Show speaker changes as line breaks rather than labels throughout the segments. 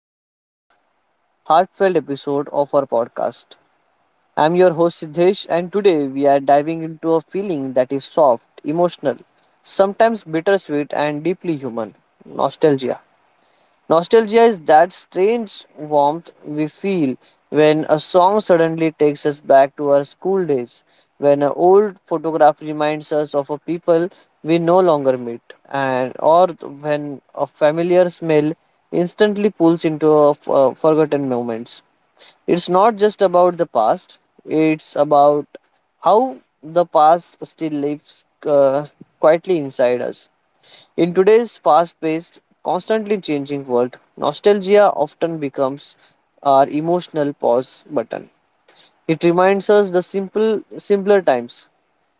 to another heartfelt episode of our podcast. I'm your host Siddhesh, and today we are diving into a feeling that is soft, emotional, sometimes bittersweet, and deeply human nostalgia. Nostalgia is that strange warmth we feel when a song suddenly takes us back to our school days, when an old photograph reminds us of a people we no longer meet, and or when a familiar smell instantly pulls into a forgotten moments. It's not just about the past; it's about how the past still lives quietly inside us. In today's fast paced, constantly changing world, nostalgia often becomes our emotional pause button. It reminds us the simpler times,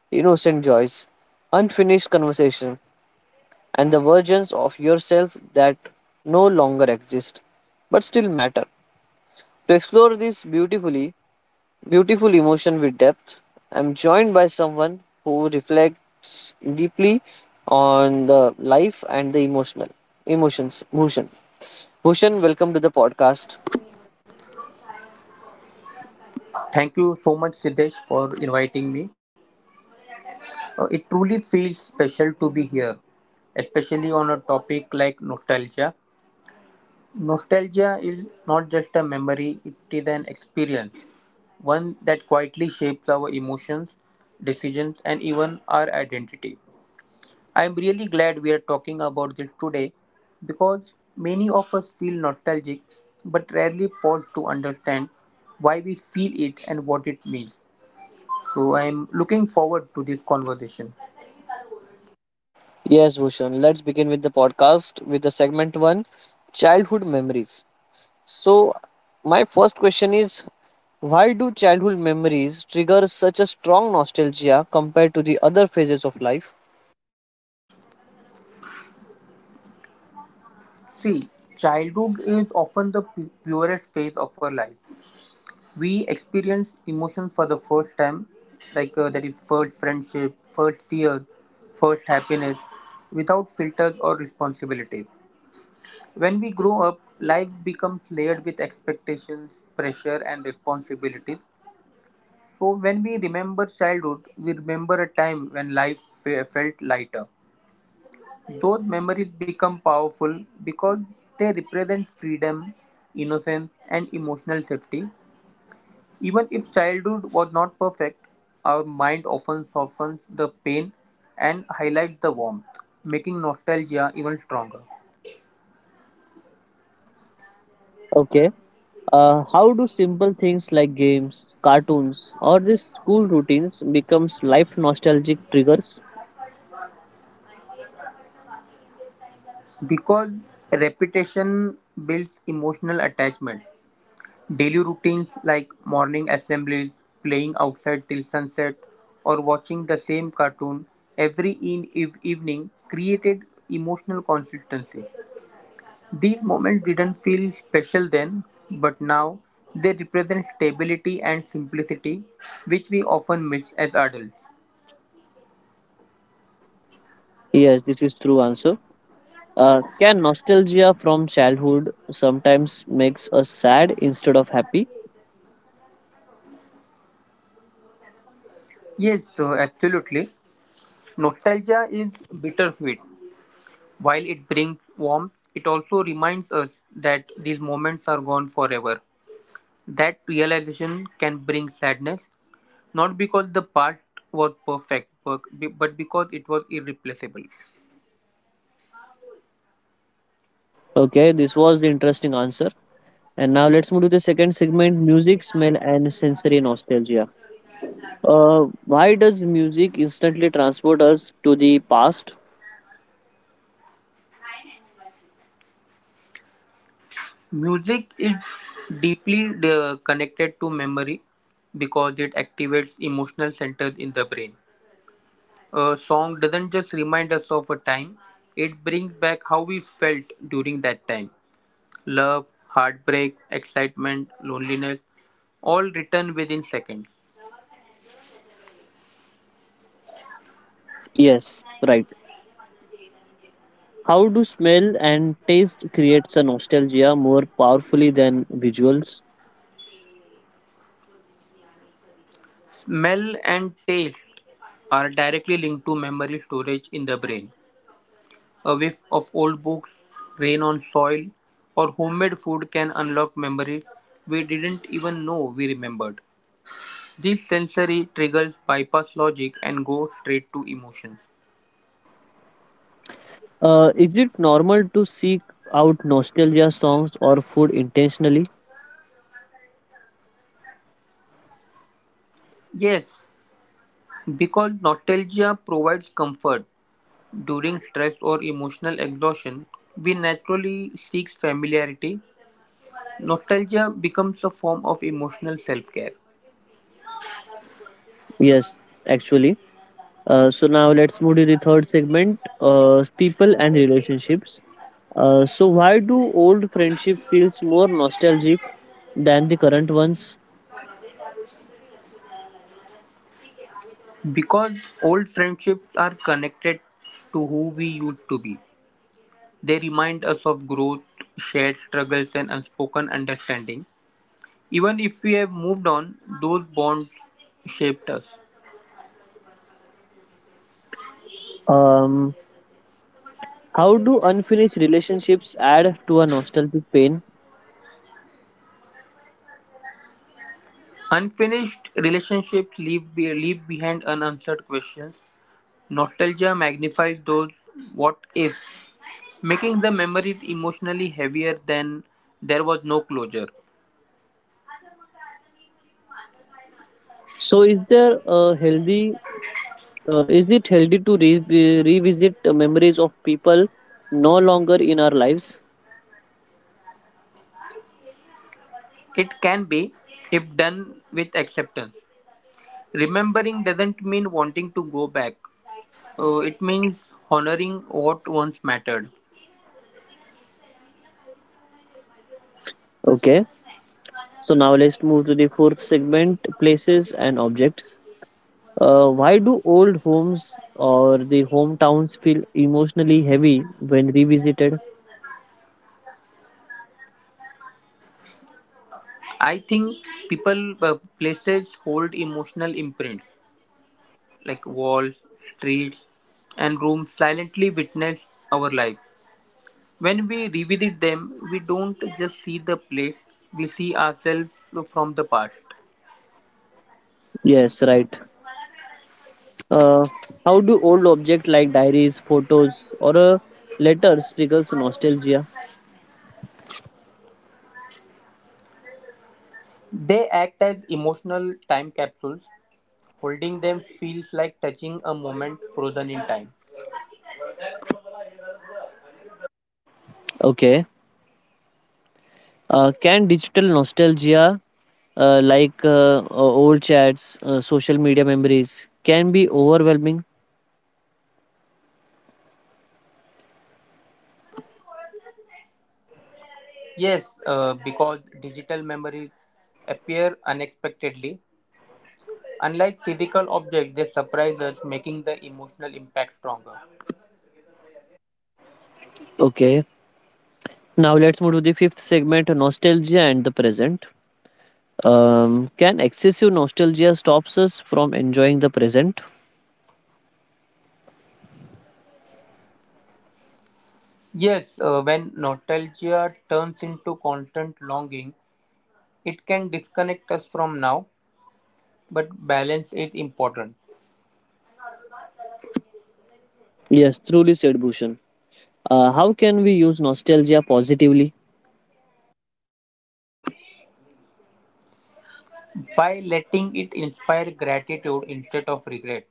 innocent joys, unfinished conversation, and the versions of yourself that no longer exist but still matter. To explore this beautiful emotion with depth. I'm joined by someone who reflects deeply on the life and the emotional emotions. Bhushan, welcome to the podcast.
Thank you so much, Siddesh, for inviting me. It truly feels special to be here, especially on a topic like nostalgia. Nostalgia is not just a memory, it is an experience, one that quietly shapes our emotions, decisions, and even our identity. I am really glad we are talking about this today because many of us feel nostalgic but rarely pause to understand why we feel it and what it means. So I'm looking forward to this conversation.
Yes, Bhushan. Let's begin with the podcast with the segment one, childhood memories. So, my first question is, why do childhood memories trigger such a strong nostalgia compared to the other phases of life?
See, childhood is often the purest phase of our life. We experience emotion for the first time, like that is first friendship, first fear, first happiness, without filters or responsibilities. When we grow up, life becomes layered with expectations, pressure, and responsibilities. So when we remember childhood, we remember a time when life felt lighter. Those memories become powerful because they represent freedom, innocence, and emotional safety. Even if childhood was not perfect, our mind often softens the pain and highlights the warmth, making nostalgia even stronger.
Okay. How do simple things like games, cartoons, or these school routines becomes life nostalgic triggers?
Because repetition builds emotional attachment, daily routines like morning assemblies, playing outside till sunset, or watching the same cartoon evening created emotional consistency. These moments didn't feel special then, but now they represent stability and simplicity, which we often miss as adults.
Yes, this is true answer. Can nostalgia from childhood sometimes makes us sad instead of happy?
Yes, absolutely. Nostalgia is bittersweet. While it brings warmth, it also reminds us that these moments are gone forever. That realization can bring sadness, not because the past was perfect, but because it was irreplaceable.
Okay, this was the interesting answer. And now let's move to the second segment: music, smell, and sensory nostalgia. Why does music instantly transport us to the past?
Music is deeply connected to memory because it activates emotional centers in the brain. A song doesn't just remind us of a time, it brings back how we felt during that time. Love, heartbreak, excitement, loneliness, all written within seconds.
Yes, right. How do smell and taste creates a nostalgia more powerfully than visuals?
Smell and taste are directly linked to memory storage in the brain. A whiff of old books, rain on soil, or homemade food can unlock memories we didn't even know we remembered. These sensory triggers bypass logic and go straight to emotions.
Is it normal to seek out nostalgia songs or food intentionally?
Yes, because nostalgia provides comfort during stress or emotional exhaustion, we naturally seek familiarity. Nostalgia becomes a form of emotional self care.
Yes, actually. So now let's move to the third segment: people and relationships. So why do old friendship feels more nostalgic than the current ones?
Because old friendships are connected to who we used to be. They remind us of growth, shared struggles, and unspoken understanding. Even if we have moved on, those bonds shaped us.
Um, how do unfinished relationships add to a nostalgic pain?
Unfinished relationships leave behind unanswered questions. Nostalgia magnifies those what ifs, making the memories emotionally heavier than there was no closure.
So is there a healthy is it healthy to revisit the memories of people no longer in our lives?
It can be, if done with acceptance. Remembering doesn't mean wanting to go back. It means honoring what once mattered.
Okay, so now let's move to the fourth segment places and objects. Why do old homes or the hometowns feel emotionally heavy when revisited?
I think people, uh, places hold emotional imprint, like walls, streets, and rooms silently witness our life. When we revisit them, we don't just see the place, we see ourselves from the past.
Yes, right. Uh, how do old objects like diaries, photos, or letters triggers nostalgia?
They act as emotional time capsules. Holding them feels like touching a moment frozen in time.
Okay. Can digital nostalgia old chats, social media memories can be overwhelming.
Yes, because digital memories appear unexpectedly. Unlike physical objects, they surprise us, making the emotional impact stronger.
Okay, now let's move to the fifth segment nostalgia and the present. Can excessive nostalgia stops us from enjoying the present?
Yes, when nostalgia turns into constant longing, it can disconnect us from now, but balance is important.
Yes, truly said Bhushan. How can we use nostalgia positively?
By letting it inspire gratitude instead of regret,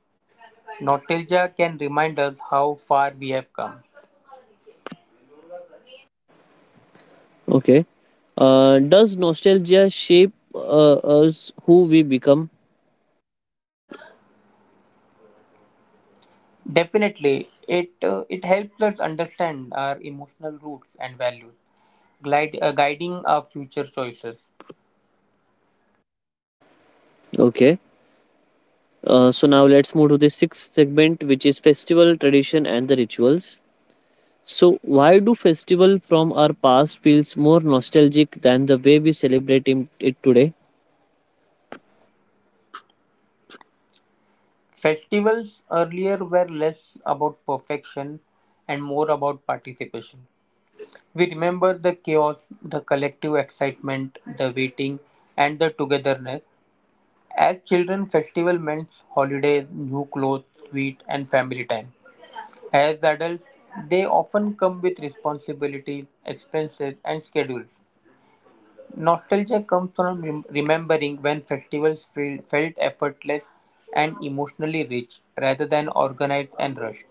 nostalgia can remind us how far we have come.
Okay. Does nostalgia shape us who we become?
Definitely, it helps us understand our emotional roots and values, guiding our future choices.
Okay. So now let's move to the sixth segment, which is festival tradition and the rituals. So, why do festival from our past feels more nostalgic than the way we celebrate it today?
Festivals earlier were less about perfection and more about participation. We remember the chaos, the collective excitement, the waiting, and the togetherness. As children, festival meant holidays, new clothes, sweet, and family time. As adults, they often come with responsibilities, expenses, and schedules. Nostalgia comes from remembering when festivals felt effortless and emotionally rich rather than organized and rushed.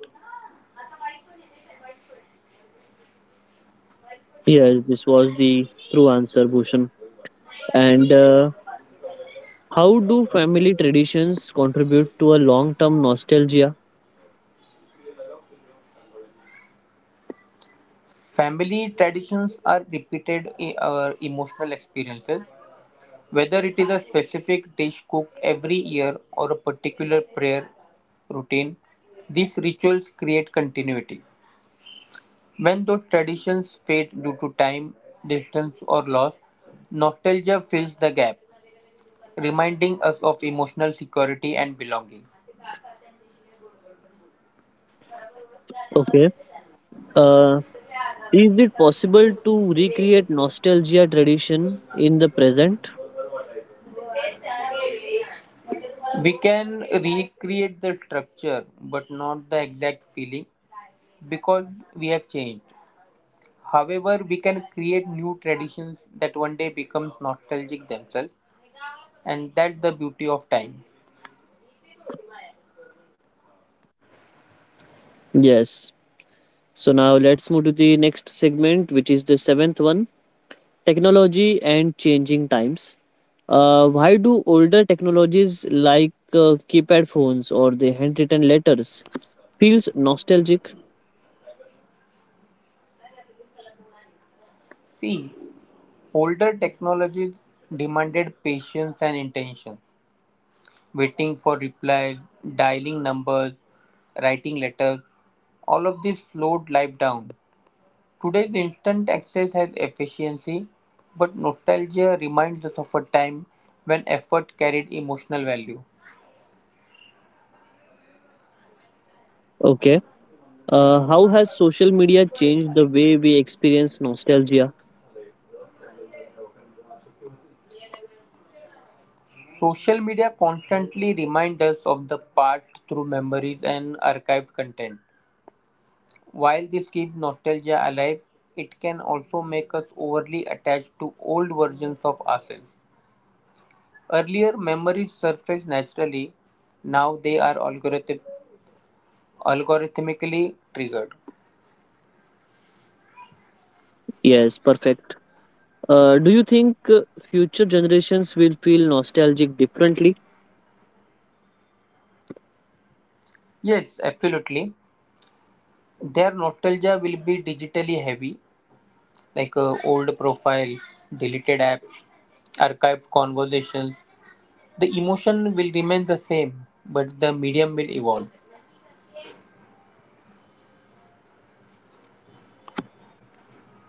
Yes, this was the true answer, Bhushan. And how do family traditions contribute to a long-term nostalgia?
Family traditions are repeated in our emotional experiences, whether it is a specific dish cooked every year or a particular prayer routine. These rituals create continuity. When those traditions fade due to time, distance, or loss, nostalgia fills the gap, reminding us of emotional security and belonging.
Okay. Uh, is it possible to recreate nostalgia tradition in the present?
We can recreate the structure but not the exact feeling because we have changed. However, we can create new traditions that one day become nostalgic themselves, and that's the beauty of time.
Yes. So now let's move to the next segment, which is the seventh one: technology and changing times. Why do older technologies like keypad phones or the handwritten letters feels nostalgic?
See, older technologies demanded patience and intention, waiting for reply, dialing numbers, writing letters, all of this slowed life down. Today's instant access has efficiency, but nostalgia reminds us of a time when effort carried emotional value.
Okay. How has social media changed the way we experience nostalgia?
Social media constantly reminds us of the past through memories and archived content. While this keeps nostalgia alive, it can also make us overly attached to old versions of ourselves. Earlier memories surfaced naturally, now they are algorithmically triggered.
Yes, perfect. Do you think future generations will feel nostalgic differently?
Yes, absolutely. Their nostalgia will be digitally heavy, like old profiles, deleted apps, archived conversations. The emotion will remain the same, but the medium will evolve.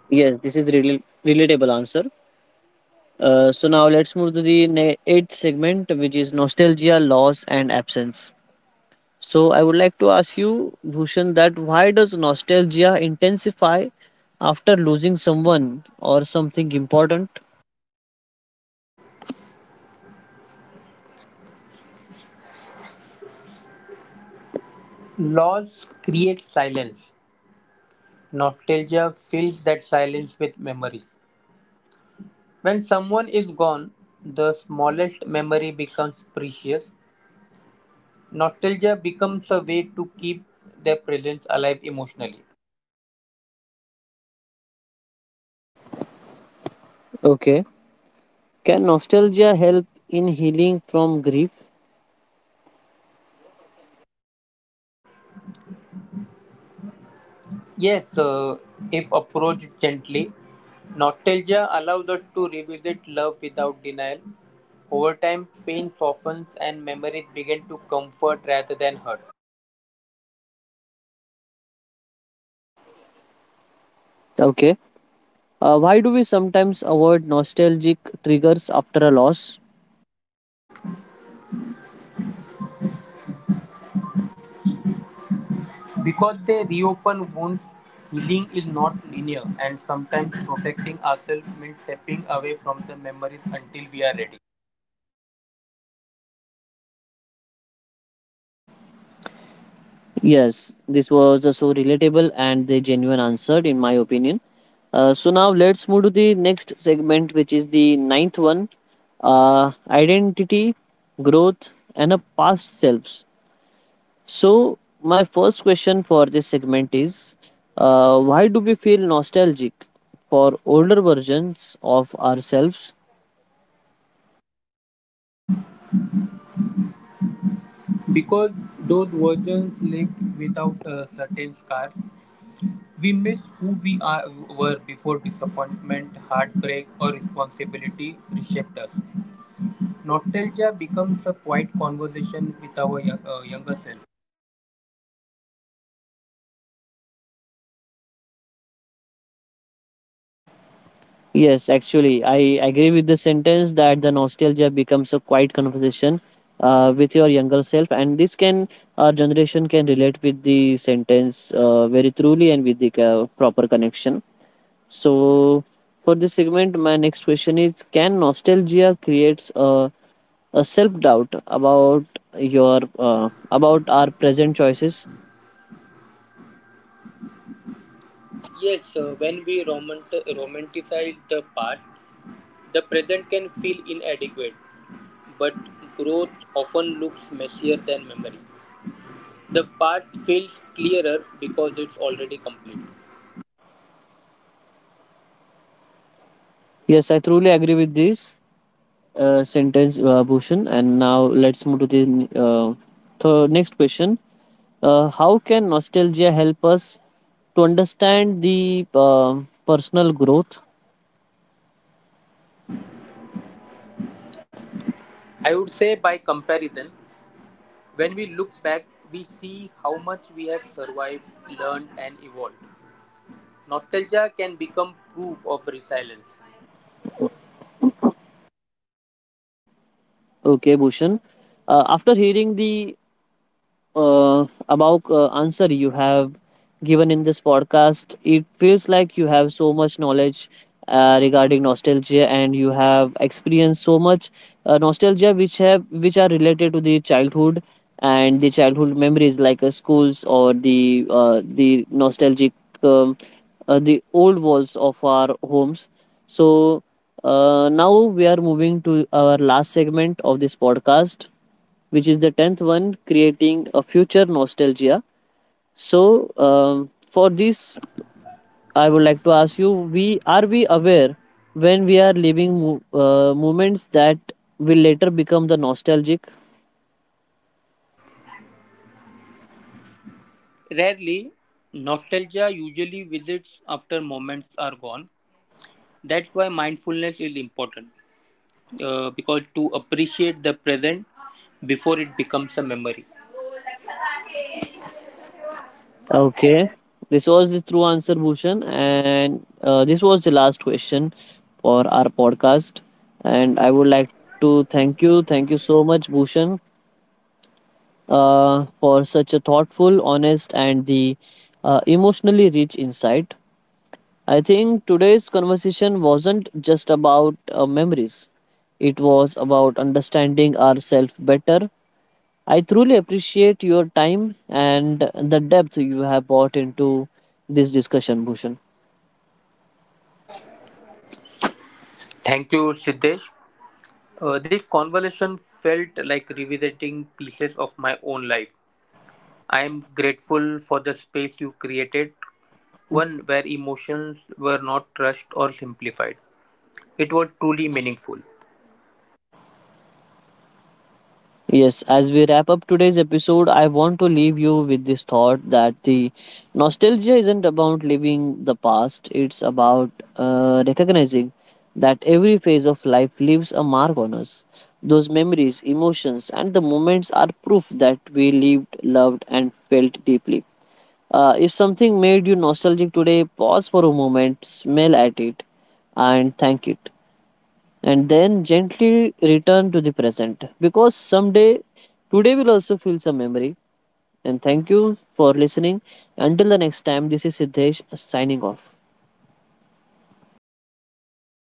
Yes, this is really relatable answer. So now let's move to the eighth segment, which is nostalgia, loss, and absence. So I would like to ask you, Bhushan, that why does nostalgia intensify after losing someone or something important?
Loss creates silence. Nostalgia fills that silence with memories. When someone is gone, the smallest memory becomes precious. Nostalgia becomes a way to keep their presence alive emotionally.
Okay. Can nostalgia help in healing from grief?
Yes, if approached gently, nostalgia allows us to revisit love without denial. Over time, pain softens and memories begin to comfort rather than hurt.
Okay. Why do we sometimes avoid nostalgic triggers after a loss?
Because they reopen wounds, healing is not linear, and sometimes protecting ourselves means stepping away from the memories until we are ready.
Yes, this was a so relatable and the genuine answer, in my opinion. So now let's move to the next segment, which is the ninth one, identity, growth, and a past selves. So my first question for this segment is, why do we feel nostalgic for older versions of ourselves.
Because those versions lived without a certain scars, we miss who were before disappointment, heartbreak, or responsibility reshaped us. Nostalgia becomes a quiet conversation with our younger self.
Yes, actually, I agree with the sentence that the nostalgia becomes a quiet conversation with your younger self, and this can our generation can relate with the sentence very truly and with the proper connection. So, for this segment, my next question is: Can nostalgia creates a self doubt about your about our present choices?
Yes, when we romanticize the past, the present can feel inadequate, but growth often looks messier than memory. The past feels clearer because it's already complete.
Yes, I truly agree with this sentence, Bhushan. And now let's move to the uh, next question. How can nostalgia help us to understand the personal growth?
I would say, by comparison, when we look back, we see how much we have survived, learned, and evolved. Nostalgia can become proof of resilience.
Okay, Bhushan. After hearing the above answer you have given in this podcast. It feels like you have so much knowledge regarding nostalgia, and you have experienced so much nostalgia which are related to the childhood and the childhood memories, like schools or the nostalgic um, the old walls of our homes. So. Now we are moving to our last segment of this podcast, which is the 10th one creating a future nostalgia. So, for this, I would like to ask you: we aware when we are living moments that will later become the nostalgic?
Rarely, nostalgia usually visits after moments are gone. That's why mindfulness is important, because to appreciate the present before it becomes a memory.
Okay, this was the true answer, Bhushan, and this was the last question for our podcast. And I would like to thank you so much, Bhushan, for such a thoughtful, honest, and the emotionally rich insight. I think today's conversation wasn't just about memories, it was about understanding ourselves better. I truly appreciate your time and the depth you have brought into this discussion, Bhushan.
Thank you, Siddesh. This conversation felt like revisiting pieces of my own life. I am grateful for the space you created, one where emotions were not rushed or simplified; it was truly meaningful.
Yes, as we wrap up today's episode, I want to leave you with this thought that the nostalgia isn't about living the past, it's about recognizing that every phase of life leaves a mark on us. Those memories, emotions, and the moments are proof that we lived, loved, and felt deeply. If something made you nostalgic today, pause for a moment, smell at it, and thank it and then gently return to the present because someday today will also feel some memory. And thank you for listening until the next time. This is Siddesh signing off.